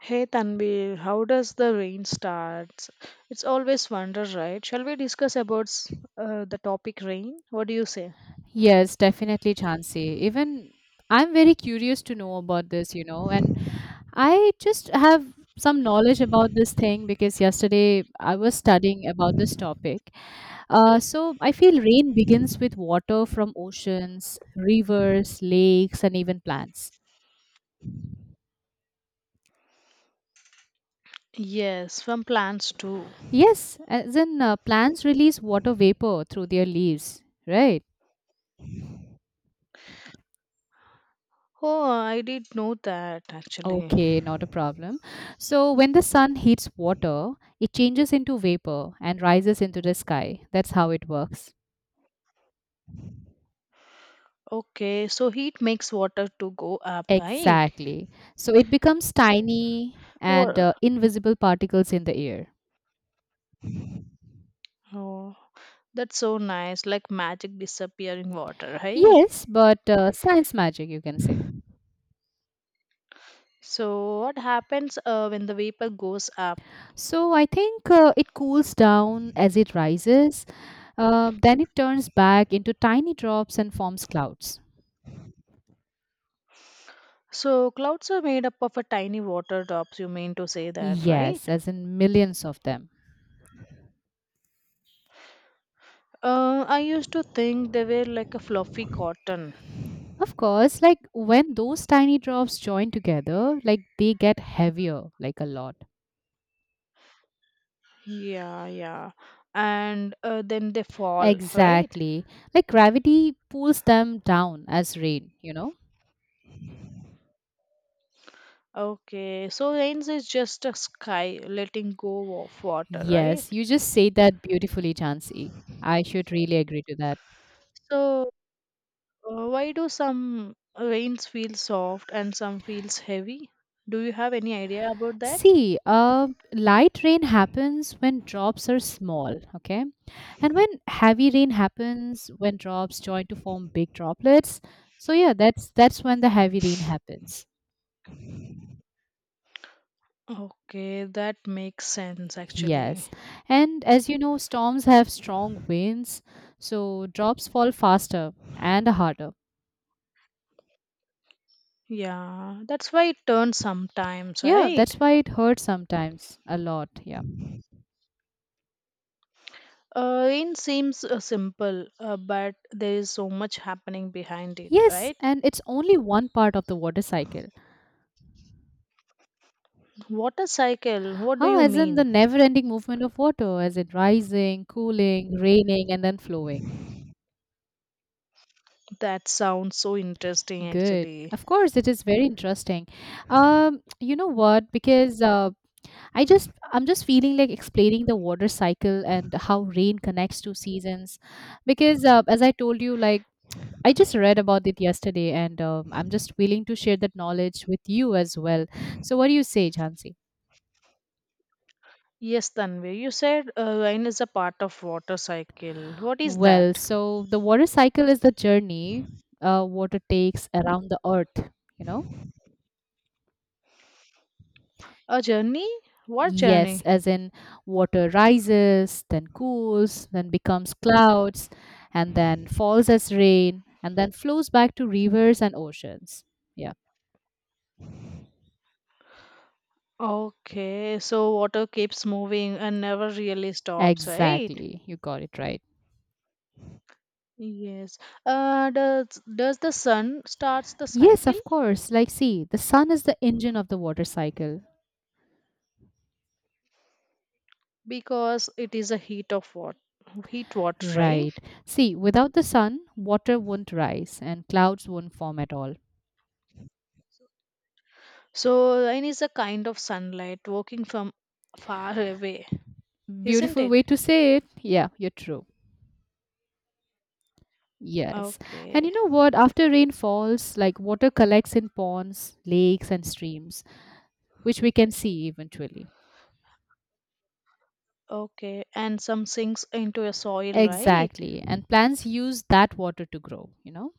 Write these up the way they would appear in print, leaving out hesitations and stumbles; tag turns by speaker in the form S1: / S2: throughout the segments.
S1: Hey Tanvi, how does the rain starts? It's always wonder, right? Shall we discuss about the topic rain? What do you say?
S2: Yes, definitely, Chansey. Even I'm very curious to know about this, and I just have some knowledge about this thing because yesterday I was studying about this topic. So I feel rain begins with water from oceans, rivers, lakes, and even plants.
S1: Yes, from plants too.
S2: Yes, as in plants release water vapor through their leaves, right?
S1: Oh, I did know that actually.
S2: Okay, not a problem. So, when the sun heats water, it changes into vapor and rises into the sky. That's how it works.
S1: Okay, so heat makes water to go up, right?
S2: Exactly. So, it becomes tiny and
S1: Oh,
S2: invisible particles in the air.
S1: oh, that's so nice, like magic disappearing water, right?
S2: Yes, but science magic, you can say.
S1: So what happens when the vapor goes up?
S2: So, I think it cools down as it rises, then it turns back into tiny drops and forms clouds.
S1: So clouds are made up of a tiny water drops. You mean to say that, right?
S2: Yes, as in millions of them.
S1: I used to think they were like a fluffy cotton.
S2: Of course, like when those tiny drops join together, like they get heavier, like a lot.
S1: Yeah, yeah. And then they fall, right?
S2: Exactly. Like gravity pulls them down as rain, you know?
S1: Okay. So rains is just a sky letting go of water,
S2: Yes,
S1: right?
S2: you just say that beautifully, Chansey. I should really agree to that.
S1: So why do some rains feel soft and some feels heavy? Do you have any idea about that?
S2: See, light rain happens when drops are small, okay? And when heavy rain happens when drops join to form big droplets. So yeah, that's when the heavy rain happens.
S1: Okay, that makes sense actually.
S2: Yes. And as you know, storms have strong winds, so drops fall faster and harder.
S1: Yeah, that's why it turns sometimes,
S2: Yeah,
S1: right?
S2: that's why it hurts sometimes a lot. Yeah.
S1: Rain seems simple, but there is so much happening behind it,
S2: Yes,
S1: right?
S2: and it's only one part of the water cycle.
S1: Water cycle, what do
S2: Ah,
S1: you
S2: as in the
S1: mean?
S2: never ending movement of water, as in rising, cooling, raining, and then flowing.
S1: That sounds so interesting,
S2: Good.
S1: actually.
S2: Of course, it is very interesting. You know what? Because I'm just feeling like explaining the water cycle and how rain connects to seasons because as I told you like I just read about it yesterday and I'm just willing to share that knowledge with you as well. So what do you say, Jansi?
S1: Yes, Tanvi, you said rain is a part of water cycle. What is
S2: Well,
S1: that?
S2: so the water cycle is the journey water takes around the earth, you know.
S1: A journey? What
S2: Yes,
S1: journey?
S2: as in water rises, then cools, then becomes clouds, and then falls as rain, and then flows back to rivers and oceans. Yeah,
S1: Okay, so water keeps moving and never really stops, right?
S2: exactly. You got it right.
S1: Yes. Uh, does does the sun starts the
S2: Yes,
S1: cycle?
S2: of course. Like, see, the sun is the engine of the water cycle.
S1: Because it is a heat of what heat water, right?
S2: Right. See, without the sun, water won't rise and clouds won't form at all.
S1: So rain is a kind of sunlight working from far away, isn't
S2: Beautiful
S1: it?
S2: way to say it. Yeah, you're true. Yes. And
S1: Okay.
S2: you know what? After rain falls, like water collects in ponds, lakes, and streams, which we can see eventually.
S1: Okay, and some sinks into a soil, right?
S2: Exactly. And plants use that water to grow, you know?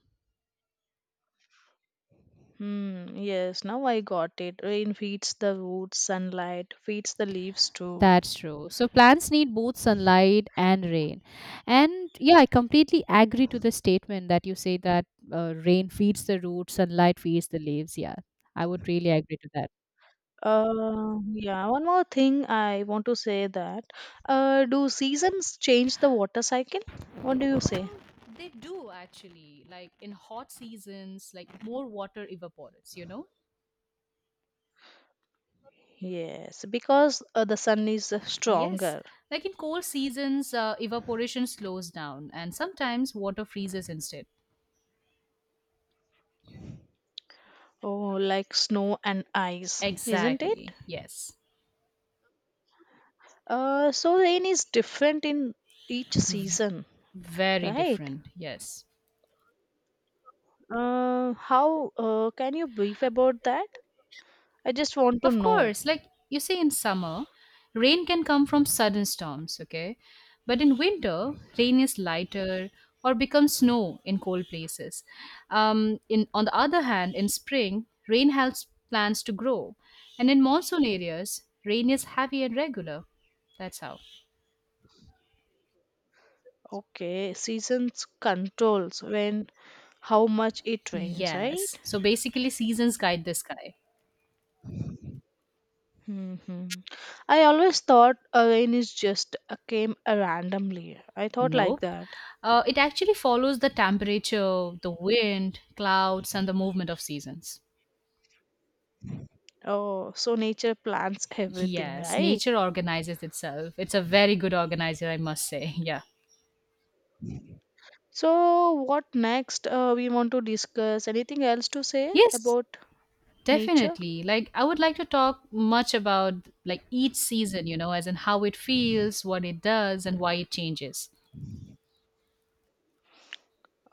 S1: Hmm, yes, now I got it. Rain feeds the roots, sunlight feeds the leaves too.
S2: That's true. So plants need both sunlight and rain. And yeah, I completely agree to the statement that you say that rain feeds the roots, sunlight feeds the leaves. Yeah, I would really agree to that.
S1: uh yeah, one more thing I want to say that, do seasons change the water cycle? What do you
S2: Uh,
S1: say?
S2: They do actually. Like in hot seasons, like more water evaporates, you know?
S1: Yes, because the sun is
S2: Yes,
S1: stronger.
S2: like in cold seasons, evaporation slows down and sometimes water freezes instead.
S1: Oh, like snow and ice, isn't it?
S2: Exactly, yes.
S1: So rain is different in each
S2: V-
S1: season,
S2: very
S1: right?
S2: different, yes.
S1: How can you brief about that? I just want to
S2: Of
S1: know.
S2: course, like you see, in summer, rain can come from sudden storms, okay? But in winter, rain is lighter or becomes snow in cold places. On the other hand, in spring, rain helps plants to grow. And in monsoon areas, rain is heavy and regular. That's how.
S1: Okay, seasons controls when how much it rains, right?
S2: Yes. So basically, seasons guide the sky.
S1: Hmm. I always thought rain is just came randomly. I thought like
S2: Nope.
S1: that.
S2: It actually follows the temperature, the wind, clouds, and the movement of seasons.
S1: Oh, so nature plans everything,
S2: Yes,
S1: right?
S2: nature organizes itself. It's a very good organizer, I must say. Yeah.
S1: So, what next we want to discuss? Anything else to say
S2: Yes,
S1: about nature?
S2: definitely. Like I would like to talk much about like each season, you know, as in how it feels, what it does, and why it changes.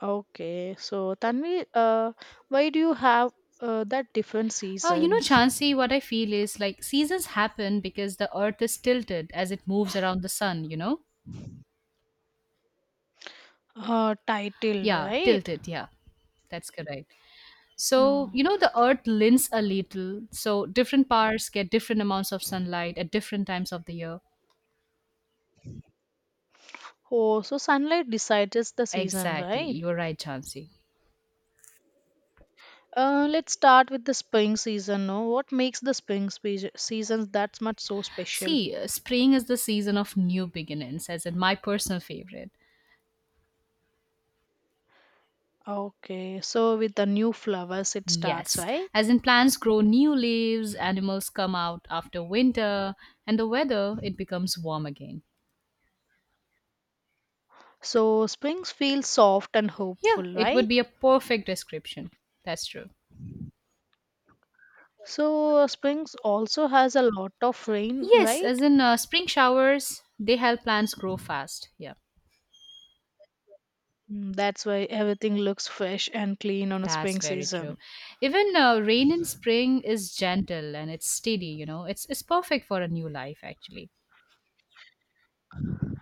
S1: Okay, so Tanvi, why do you have that different
S2: You know,
S1: seasons?
S2: Chansey, what I feel is like seasons happen because the earth is tilted as it moves around the sun, you know?
S1: Titled,
S2: Yeah,
S1: right?
S2: tilted. Yeah, that's correct. So,
S1: Yeah.
S2: you know, the earth lends a little. So, different parts get different amounts of sunlight at different times of the year.
S1: Oh, so sunlight decides the season,
S2: Exactly.
S1: right?
S2: You're right, Chansey.
S1: Let's start with the spring season. No, what makes the season that much so special?
S2: See, spring is the season of new beginnings, as in my personal favorite.
S1: Okay, so with the new flowers, it starts,
S2: Yes,
S1: right?
S2: as in plants grow new leaves, animals come out after winter, and the weather, it becomes warm again.
S1: So spring feels soft and
S2: Yeah,
S1: hopeful,
S2: it
S1: right?
S2: would be a perfect description. That's true.
S1: So Springs also has a lot of rain,
S2: Yes,
S1: right?
S2: as in spring showers, they help plants grow fast. Yeah,
S1: Mm, that's why everything looks fresh and clean on a
S2: that's
S1: spring
S2: very true.
S1: season.
S2: Even rain in spring is gentle and it's steady, you know, it's perfect for a new life, actually.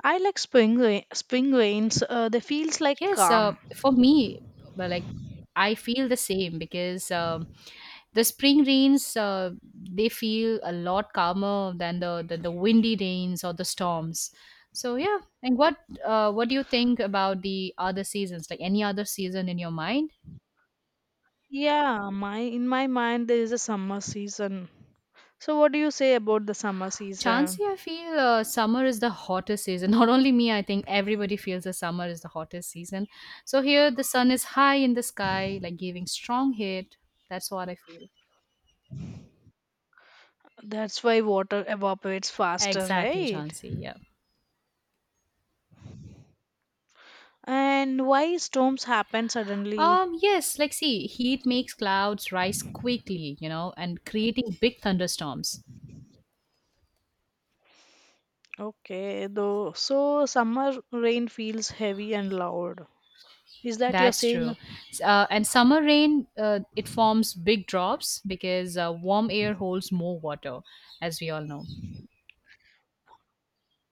S1: I like spring rain, spring rains. They feels like
S2: Yes,
S1: calm.
S2: for me, but like I feel the same because the spring rains they feel a lot calmer than the windy rains or the storms. So yeah, and what do you think about the other seasons? Like any other season in your mind?
S1: Yeah, my in my mind there is a summer season. So what do you say about the summer season?
S2: Chansey, I feel summer is the hottest season. Not only me, I think everybody feels the summer is the hottest season. So here the sun is high in the sky, like giving strong heat. That's what I feel.
S1: That's why water evaporates faster,
S2: Exactly,
S1: right?
S2: Chansey. Yeah.
S1: And why storms happen suddenly?
S2: Yes, like see, heat makes clouds rise quickly, you know, and creating big thunderstorms.
S1: Okay, though. So summer rain feels heavy and loud. Is that you're
S2: That's true.
S1: saying?
S2: And summer rain, it forms big drops because warm air holds more water, as we all know.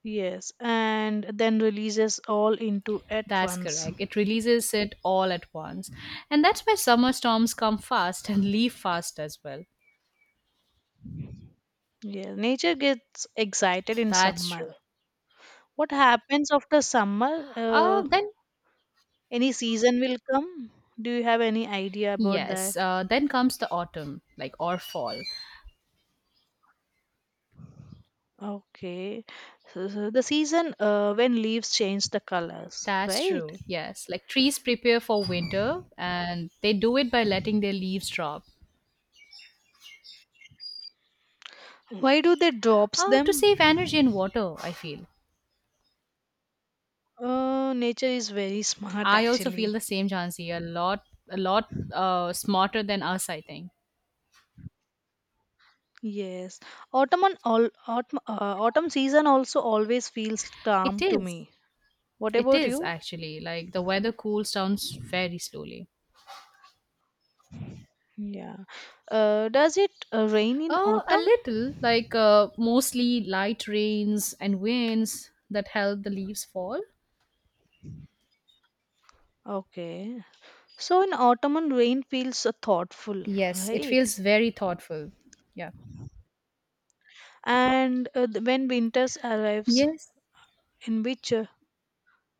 S1: Yes, and then releases all into at
S2: That's
S1: once.
S2: correct. It releases it all at once. And that's why summer storms come fast and leave fast as well.
S1: Yeah, nature gets excited in
S2: That's true.
S1: summer. What happens after summer?
S2: Uh, then,
S1: Any season will come? Do you have any idea about
S2: yes,
S1: that?
S2: then comes the autumn, like, or fall.
S1: Okay, so, so the season when leaves change the colors,
S2: That's
S1: right?
S2: true. Yes. Like, trees prepare for winter and they do it by letting their leaves drop
S1: Why do they drops
S2: to
S1: them?
S2: save energy and water, I feel.
S1: Nature is very smart
S2: I also feel
S1: actually.
S2: the same, Jansi. A lot smarter than us, I think.
S1: Yes, autumn on all autumn, autumn season also always feels
S2: It
S1: calm to
S2: is.
S1: me. What
S2: It
S1: about
S2: is
S1: you?
S2: actually like the weather cools down very slowly.
S1: Yeah. Does it rain in
S2: A
S1: autumn?
S2: little, like mostly light rains and winds that help the leaves fall.
S1: Okay. So in autumn, and rain feels thoughtful,
S2: Yes, it
S1: right?
S2: feels very thoughtful. Yeah.
S1: And when winters arrives,
S2: Yes.
S1: in which uh,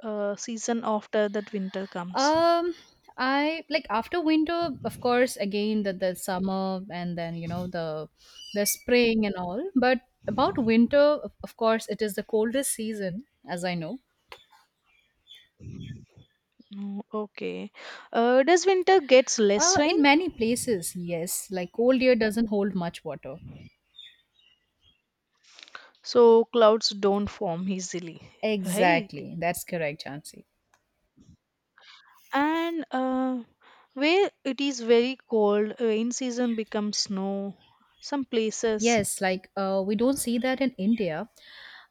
S1: uh, season after that winter comes?
S2: Um, I like after winter, of course, again the summer and then you know the spring and all. But about winter, of course, it is the coldest season, as I know.
S1: Mm, okay. Does winter gets less rain?
S2: In many places, yes, like cold air doesn't hold much water.
S1: So clouds don't form easily, right?
S2: Exactly, that's correct, Jansi.
S1: And where it is very cold, rain season becomes snow. Some places.
S2: Yes, like we don't see that in India,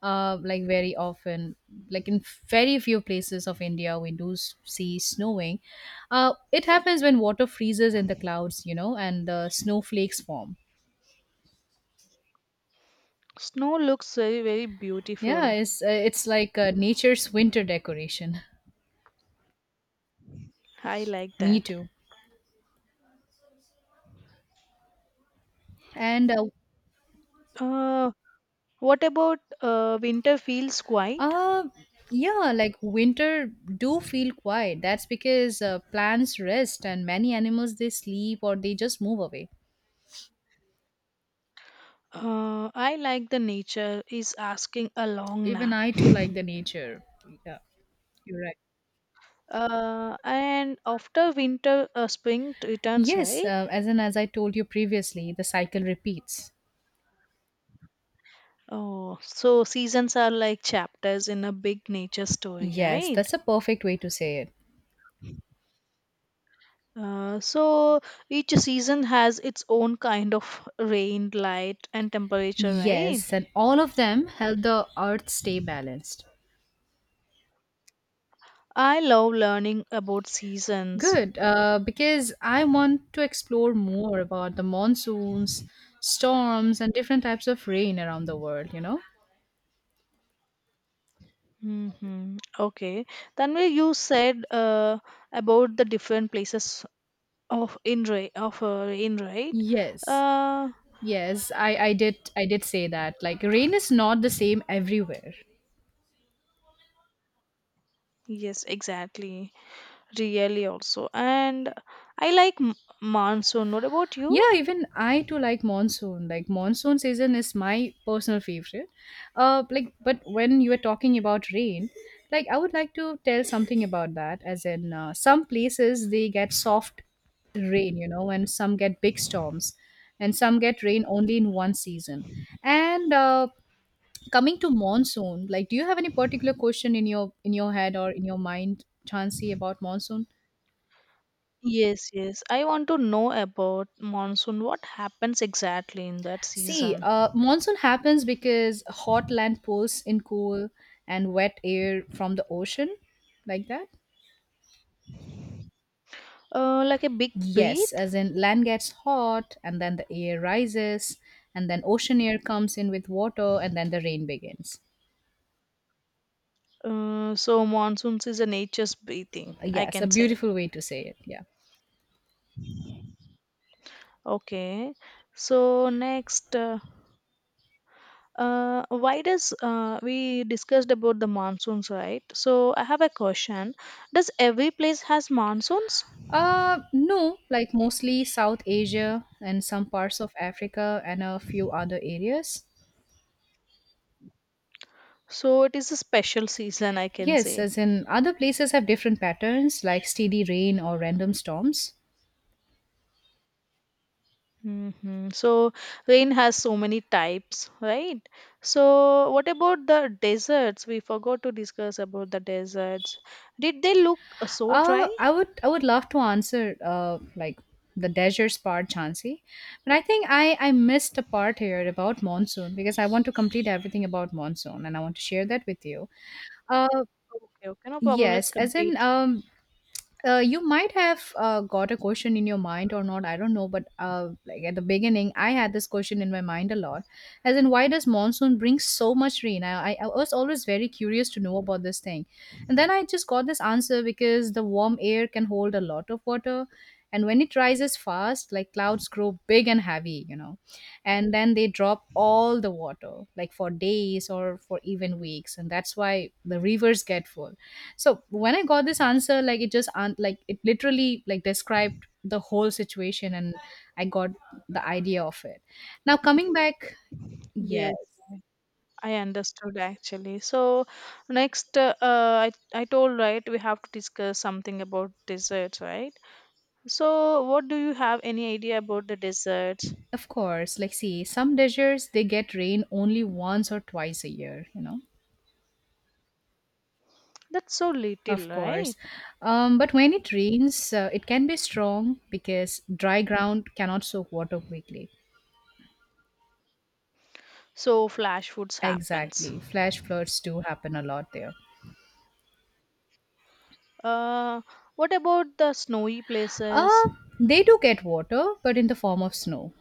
S2: like very often. Like in very few places of India, we do see snowing. It happens when water freezes in the clouds, you know, and the snowflakes form.
S1: Snow looks very, very
S2: Yeah,
S1: beautiful.
S2: it's like nature's winter decoration.
S1: I like
S2: Me
S1: that.
S2: too. And uh,
S1: Uh, what about winter feels quiet?
S2: uh, yeah, like winter do feel quiet. That's because plants rest and many animals they sleep or they just move away.
S1: I like the nature is asking a long
S2: Even
S1: nap.
S2: I too like the nature. Yeah, you're right.
S1: And after winter, spring returns,
S2: Yes,
S1: right?
S2: as in as I told you previously, the cycle repeats.
S1: Oh, so seasons are like chapters in a big nature story,
S2: Yes,
S1: right?
S2: that's a perfect way to say it.
S1: So each season has its own kind of rain, light, and temperature, right?
S2: Yes, and all of them help the earth stay balanced.
S1: I love learning about seasons.
S2: Good, because I want to explore more about the monsoons, storms, and different types of rain around the world, you know?
S1: Mm-hmm. Okay. Tanvi, you said about the different places of in right of in right.
S2: Yes.
S1: Uh,
S2: Yes, I did say that. Like rain is not the same everywhere.
S1: yes, exactly. Really, also, and I like monsoon. What about you?
S2: Yeah, even I too like monsoon. Like monsoon season is my personal favorite. Like but when you were talking about rain, like I would like to tell something about that. As in, some places they get soft rain, you know, and some get big storms, and some get rain only in one season. And coming to monsoon, like, do you have any particular question in your head or in your mind, Chansey, about monsoon?
S1: Yes, yes. I want to know about monsoon. What happens exactly in that
S2: See,
S1: season?
S2: monsoon happens because hot land pulls in cool and wet air from the ocean, like that?
S1: Like a big
S2: Yes,
S1: breath.
S2: as in land gets hot and then the air rises and then ocean air comes in with water and then the rain begins.
S1: So monsoons is a nature's breathing, I
S2: Yes, a
S1: can say.
S2: beautiful way to say it. Yeah.
S1: Okay. So next. Why does we discussed about the monsoons, right? So I have a question, does every place has monsoons?
S2: No, like mostly South Asia and some parts of Africa and a few other areas.
S1: So it is a special season, I can
S2: Yes,
S1: say.
S2: as in other places have different patterns like steady rain or random storms.
S1: Hmm. So rain has so many types, right? So what about the deserts? We forgot to discuss about the deserts. Did they look so dry?
S2: I would love to answer like the deserts part, Chansey, but I think I missed a part here about monsoon because I want to complete everything about monsoon and I want to share that with you. Uh,
S1: Okay, okay, no problem, let's
S2: yes, as
S1: complete.
S2: in You might have got a question in your mind or not, I don't know, but like at the beginning I had this question in my mind a lot, as in why does monsoon bring so much rain. I was always very curious to know about this thing, and then I just got this answer because the warm air can hold a lot of water, and when it rises fast, like clouds grow big and heavy, and then they drop all the water like for days or for even weeks, and that's why the rivers get full. So when I got this answer, like it just like it literally like described the whole situation, and I got the idea of it. Now coming back, yes,
S1: Yes, I understood actually. So next, I told, right? We have to discuss something about desserts, right? So what do you have any idea about the desserts?
S2: of course. Like see, some deserts they get rain only once or twice a year. You know.
S1: That's so little,
S2: Of
S1: right?
S2: course. But when it rains, it can be strong because dry ground cannot soak water quickly.
S1: So flash foods happens.
S2: Exactly. Flash floods do happen a lot there.
S1: Uh, what about the snowy places?
S2: Uh, they do get water, but in the form of snow.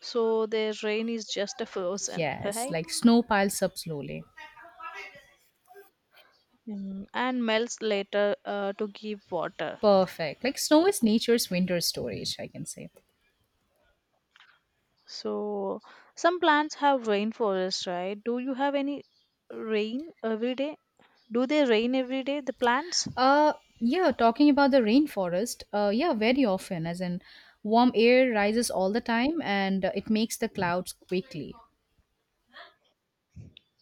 S1: So their rain is just a frozen,
S2: Yes,
S1: right?
S2: like snow piles up slowly.
S1: Mm, and melts later to give water.
S2: Perfect. Like snow is nature's winter storage, I can say.
S1: So some plants have rainforest, right? Do you have any rain every day? Do they rain every day, the plants?
S2: Uh yeah, talking about the rainforest, yeah, very often, as in warm air rises all the time, and it makes the clouds quickly.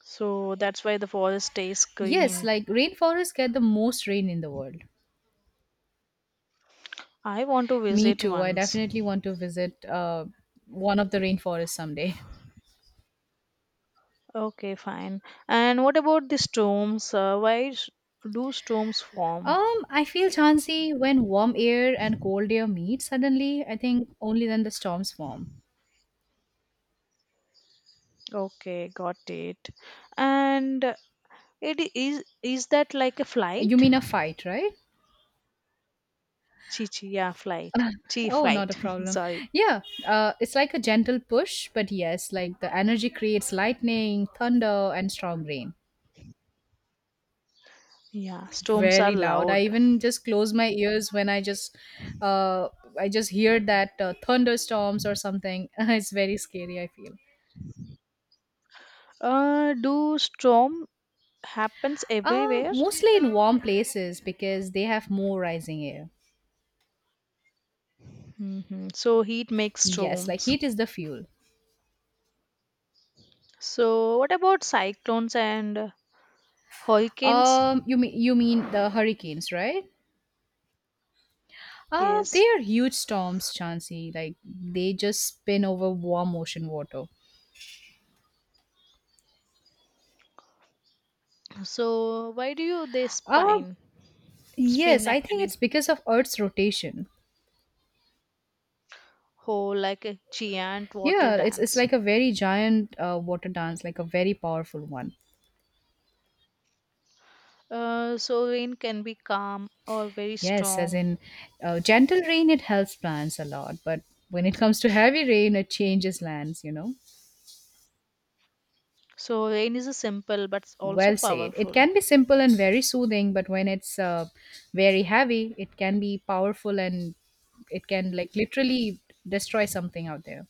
S1: So that's why the forest stays
S2: Yes,
S1: green.
S2: like rainforests get the most rain in the world.
S1: I want to
S2: Me
S1: visit
S2: too. I
S1: once.
S2: definitely want to visit one of the rainforests someday.
S1: Okay, fine. And what about the storms? Do storms form?
S2: I feel chancy when warm air and cold air meet suddenly. I think only then the storms form.
S1: Okay, got it. And it I- is that like a
S2: You
S1: flight?
S2: mean a fight, right?
S1: Chichi, yeah, flight. Chi,
S2: Oh, not a
S1: flight.
S2: problem.
S1: Sorry.
S2: Yeah, it's like a gentle push, but yes, like the energy creates lightning, thunder, and strong rain.
S1: Yeah, storms are
S2: Very loud. I
S1: loud.
S2: even just close my ears when uh, I just hear that thunderstorms or something. It's very scary, I feel.
S1: Do storm happens everywhere?
S2: Mostly in warm places because they have more rising air.
S1: Hmm. So heat makes
S2: Yes, like
S1: storms.
S2: heat is the fuel.
S1: So what about cyclones and hurricanes?
S2: You mean the hurricanes, right?
S1: Yes.
S2: They are huge storms, Chansey. Like they just spin over warm ocean water.
S1: So why do you they
S2: Uh,
S1: spin? Spin
S2: yes, I think it's
S1: actually.
S2: because of Earth's rotation.
S1: Oh, like a giant water
S2: Yeah, it's
S1: dance.
S2: like a very giant water dance, like a very powerful one.
S1: So rain can be calm or very
S2: Yes, as
S1: strong.
S2: in gentle rain, it helps plants a lot, but when it comes to heavy rain, it changes lands. You know.
S1: So rain is a simple but also
S2: Well said. It
S1: powerful.
S2: can be simple and very soothing, but when it's very heavy, it can be powerful and it can like literally destroy something out there.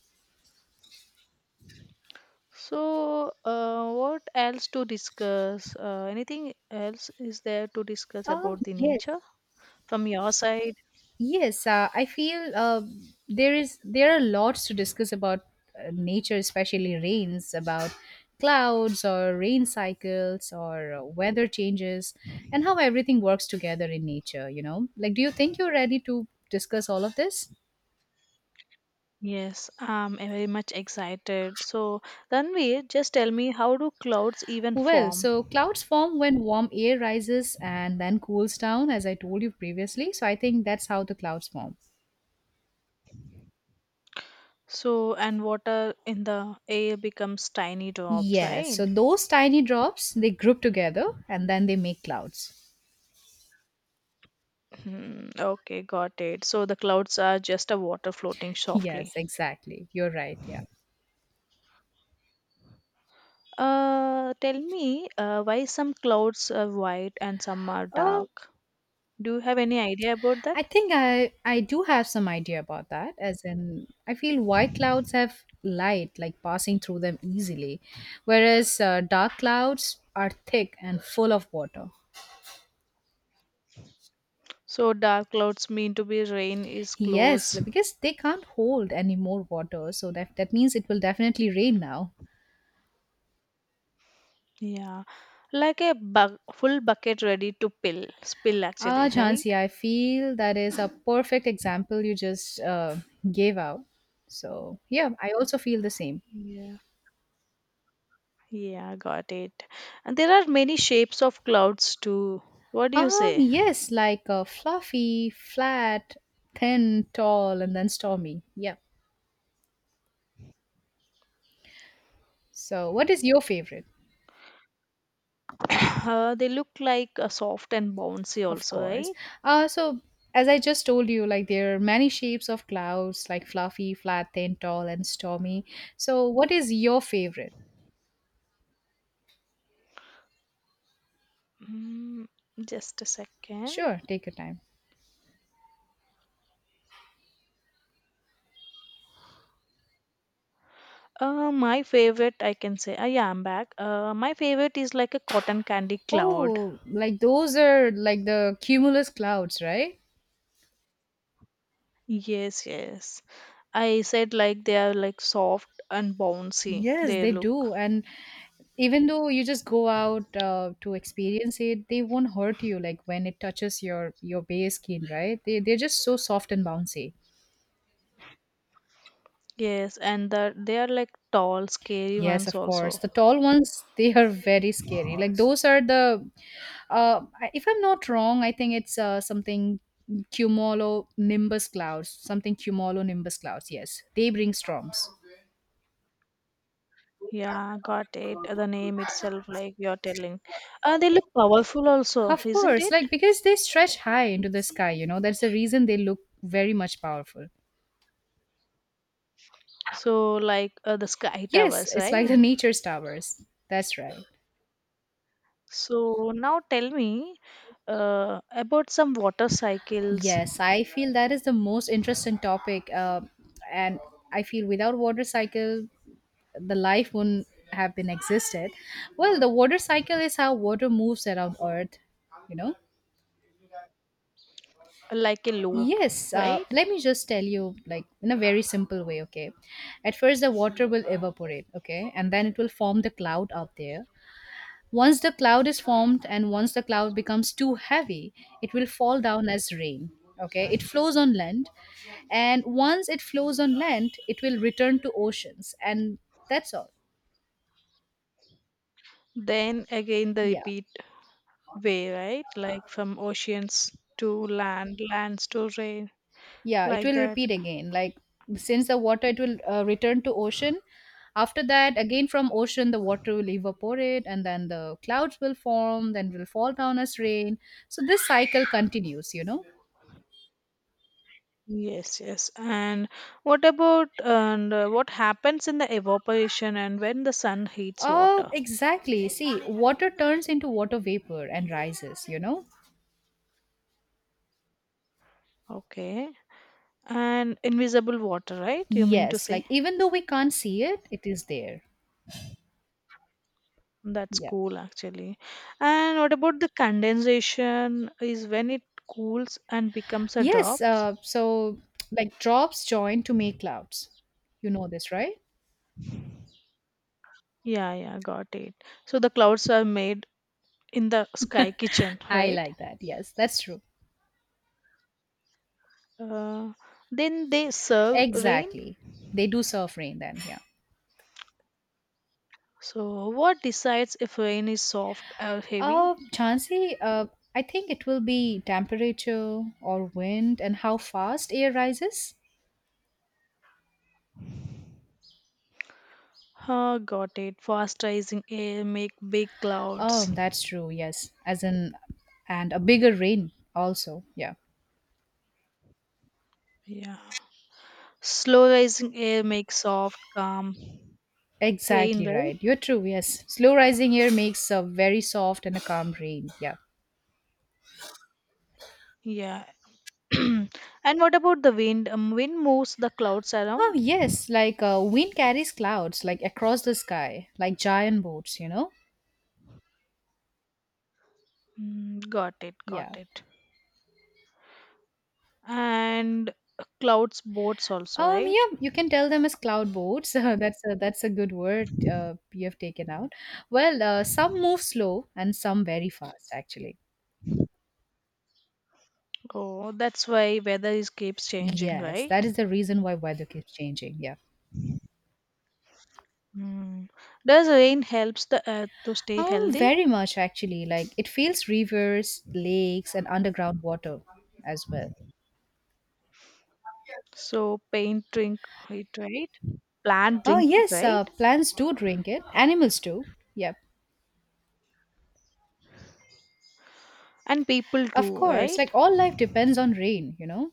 S1: So, what else to discuss? Anything else is there to discuss
S2: Um,
S1: about the
S2: yes,
S1: nature from your side?
S2: yes. I feel there are lots to discuss about nature, especially rains, about clouds or rain cycles or weather changes, and how everything works together in nature. You know, like, do you think you're ready to discuss all of this?
S1: Yes, I'm very much excited. So, Ranveer, just tell me, how do clouds even
S2: Well,
S1: form?
S2: so clouds form when warm air rises and then cools down, as I told you previously. So I think that's how the clouds form.
S1: So, and water in the air becomes tiny drops,
S2: Yes,
S1: right?
S2: so those tiny drops, they group together and then they make clouds.
S1: Hmm, okay, got it. So, the clouds are just a water floating softly.
S2: Yes, exactly. You're right. Yeah.
S1: Tell me, why some clouds are white and some are
S2: Oh,
S1: dark? Do you have any idea about that?
S2: I think I do have some idea about that. As in, I feel white clouds have light like passing through them easily, whereas dark clouds are thick and full of water.
S1: So dark clouds mean to be rain is
S2: Yes,
S1: close.
S2: because they can't hold any more water, so that means it will definitely rain now.
S1: Yeah, like a full bucket ready to pill spill
S2: Ah,
S1: actually, right?
S2: Jhansi, I feel that is a perfect example you just gave out. So yeah, I also feel the same.
S1: Yeah, yeah, got it. And there are many shapes of clouds too. What do you say?
S2: Yes, like fluffy, flat, thin, tall, and then stormy. Yeah. So, what is your favorite?
S1: They look like soft and bouncy
S2: Of
S1: also,
S2: course.
S1: right?
S2: So, as I just told you, like there are many shapes of clouds, like fluffy, flat, thin, tall, and stormy. So, what is your favorite?
S1: Mm, just a second.
S2: Sure, take your time.
S1: My favorite, I can say. Yeah, I'm back. My favorite is like a cotton candy cloud.
S2: Oh, like those are like the cumulus clouds, right?
S1: Yes, yes. I said like they are like soft and bouncy,
S2: Yes,
S1: they
S2: they
S1: look.
S2: do. And even though you just go out to experience it, they won't hurt you. Like when it touches your bare skin, right? They're just so soft and bouncy.
S1: Yes, and they are like tall, scary
S2: Yes,
S1: ones
S2: of course.
S1: also.
S2: The tall ones, they are very scary. Like those are the if I'm not wrong, I think it's something cumulonimbus clouds, something cumulonimbus clouds. Yes, they bring storms.
S1: Yeah, got it. The name itself, like you're telling. They look powerful also,
S2: Of
S1: isn't
S2: course,
S1: it?
S2: like because they stretch high into the sky, you know, that's the reason they look very much powerful.
S1: So, like the sky
S2: Yes,
S1: towers,
S2: it's like the
S1: right?
S2: nature's towers. That's right.
S1: So, now tell me about some water cycles,
S2: Yes, I feel that is the most interesting topic. And I feel without water cycle, the life wouldn't have been existed. Well, the water cycle is how water moves around Earth, you know?
S1: like a loop,
S2: Yes,
S1: right?
S2: let me just tell you, like, in a very simple way, okay? At first, the water will evaporate, okay? And then it will form the cloud out there. Once the cloud is formed and once the cloud becomes too heavy, it will fall down as rain, okay? It flows on land. And once it flows on land, it will return to oceans. And that's all.
S1: Then again, the
S2: Yeah.
S1: repeat way, right? Like from oceans to land, lands to rain,
S2: Yeah, it
S1: like
S2: will
S1: that.
S2: repeat again, like since the water it will return to ocean. After that, again from ocean the water will evaporate and then the clouds will form, then will fall down as rain. So this cycle continues, you know.
S1: Yes, yes. And what about and what happens in the evaporation and when the sun heats
S2: Oh
S1: water?
S2: exactly, see water turns into water vapor and rises, you know.
S1: Okay. And invisible water, right? You mean to
S2: Yes,
S1: say?
S2: like even though we can't see it, it is there.
S1: That's
S2: Yeah.
S1: cool actually. And what about the condensation is when it cools and becomes a
S2: Yes,
S1: drops?
S2: so like drops join to make clouds, you know this, right?
S1: Yeah, yeah, got it. So the clouds are made in the sky kitchen,
S2: I
S1: right?
S2: like that. Yes, that's true.
S1: Uh, then they serve rain.
S2: Exactly. They do surf rain then, yeah.
S1: So, what decides if rain is soft or heavy?
S2: Chansey, I think it will be temperature or wind and how fast air rises.
S1: Ah, got it. Fast rising air make big clouds.
S2: That's true, yes. As in, and a bigger rain also, yeah.
S1: Yeah. Slow rising air makes soft, calm rain,
S2: Exactly
S1: right?
S2: right. You're true, yes. Slow rising air makes a very soft and a calm rain, yeah.
S1: Yeah. And what about the wind? Wind moves the clouds
S2: Oh,
S1: around.
S2: yes, like wind carries clouds, like across the sky, like giant boats, you know?
S1: Mm, got it, got
S2: Yeah.
S1: it. And clouds boats also, right?
S2: Yeah, you can tell them as cloudboats. That's a, that's a good word you have taken out. Well, some move slow and some very fast, actually.
S1: Oh, that's why weather is keeps changing,
S2: Yes,
S1: right?
S2: that is the reason why weather keeps changing. Yeah.
S1: Mm. Does rain helps the earth to stay healthy?
S2: Very much actually. Like it feels rivers, lakes, and underground water as well.
S1: So paint drink it, right? Plant
S2: Oh
S1: drink it,
S2: yes,
S1: right?
S2: plants do drink it. Animals do. Yep.
S1: And people
S2: Of
S1: too,
S2: course,
S1: right?
S2: like all life depends on rain. You know.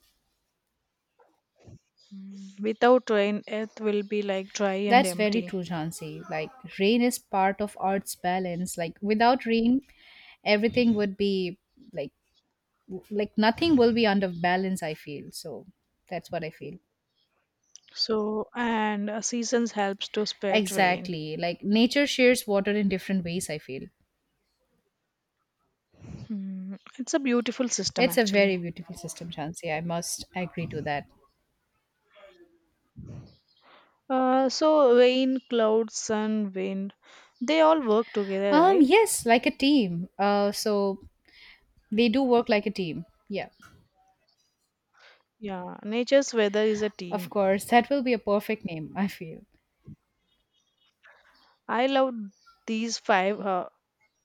S1: Without rain, earth will be like dry and
S2: That's very
S1: empty.
S2: true, Jhansi. Like, rain is part of art's balance. Like, without rain, everything would be like, like nothing will be under balance, I feel. So, that's what I feel.
S1: So and seasons helps to spread rain.
S2: Exactly. Like, nature shares water in different ways, I feel.
S1: Hmm. It's a beautiful system
S2: It's a
S1: actually.
S2: very beautiful system, Jhansi. I must agree to that.
S1: So rain, clouds, sun, wind, they all work together, right?
S2: Yes, like a team. So they do work like a team. Yeah,
S1: Yeah, nature's weather is a
S2: of
S1: team.
S2: course. That will be a perfect name, I feel.
S1: I love these five.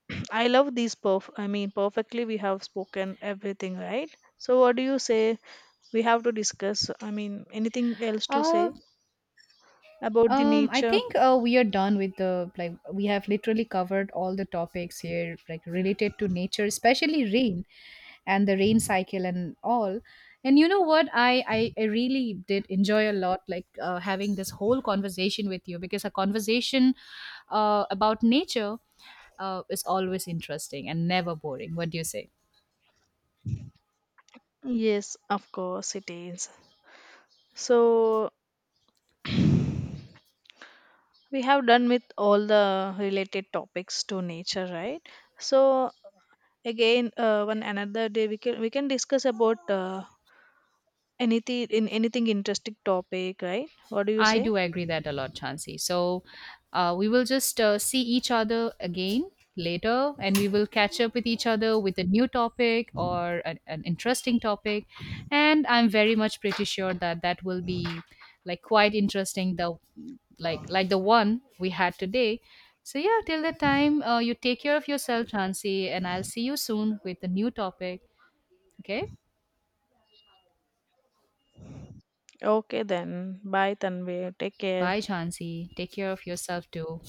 S1: I mean perfectly we have spoken everything, right? So what do you say we have to discuss? I mean anything else to
S2: Uh,
S1: say about the
S2: I
S1: nature?
S2: think we are done with the, like we have literally covered all the topics here, like related to nature, especially rain and the rain cycle and all. And you know what? I really did enjoy a lot, like having this whole conversation with you because a conversation about nature is always interesting and never boring. What do you say?
S1: Yes, of course it is. So we have done with all the related topics to nature, right? So again one another day we can discuss about anything in anything interesting topic, right? What do you
S2: I
S1: say?
S2: do agree that a lot, Chansey. So we will just see each other again later and we will catch up with each other with a new topic or an interesting topic. And I'm very much pretty sure that that will be like quite interesting, the like the one we had today. So yeah, till that time, you take care of yourself, Chansey, and I'll see you soon with a new topic. Okay,
S1: Okay then. Bye Tanvi. Take care.
S2: bye, Chansey. Take care of yourself too.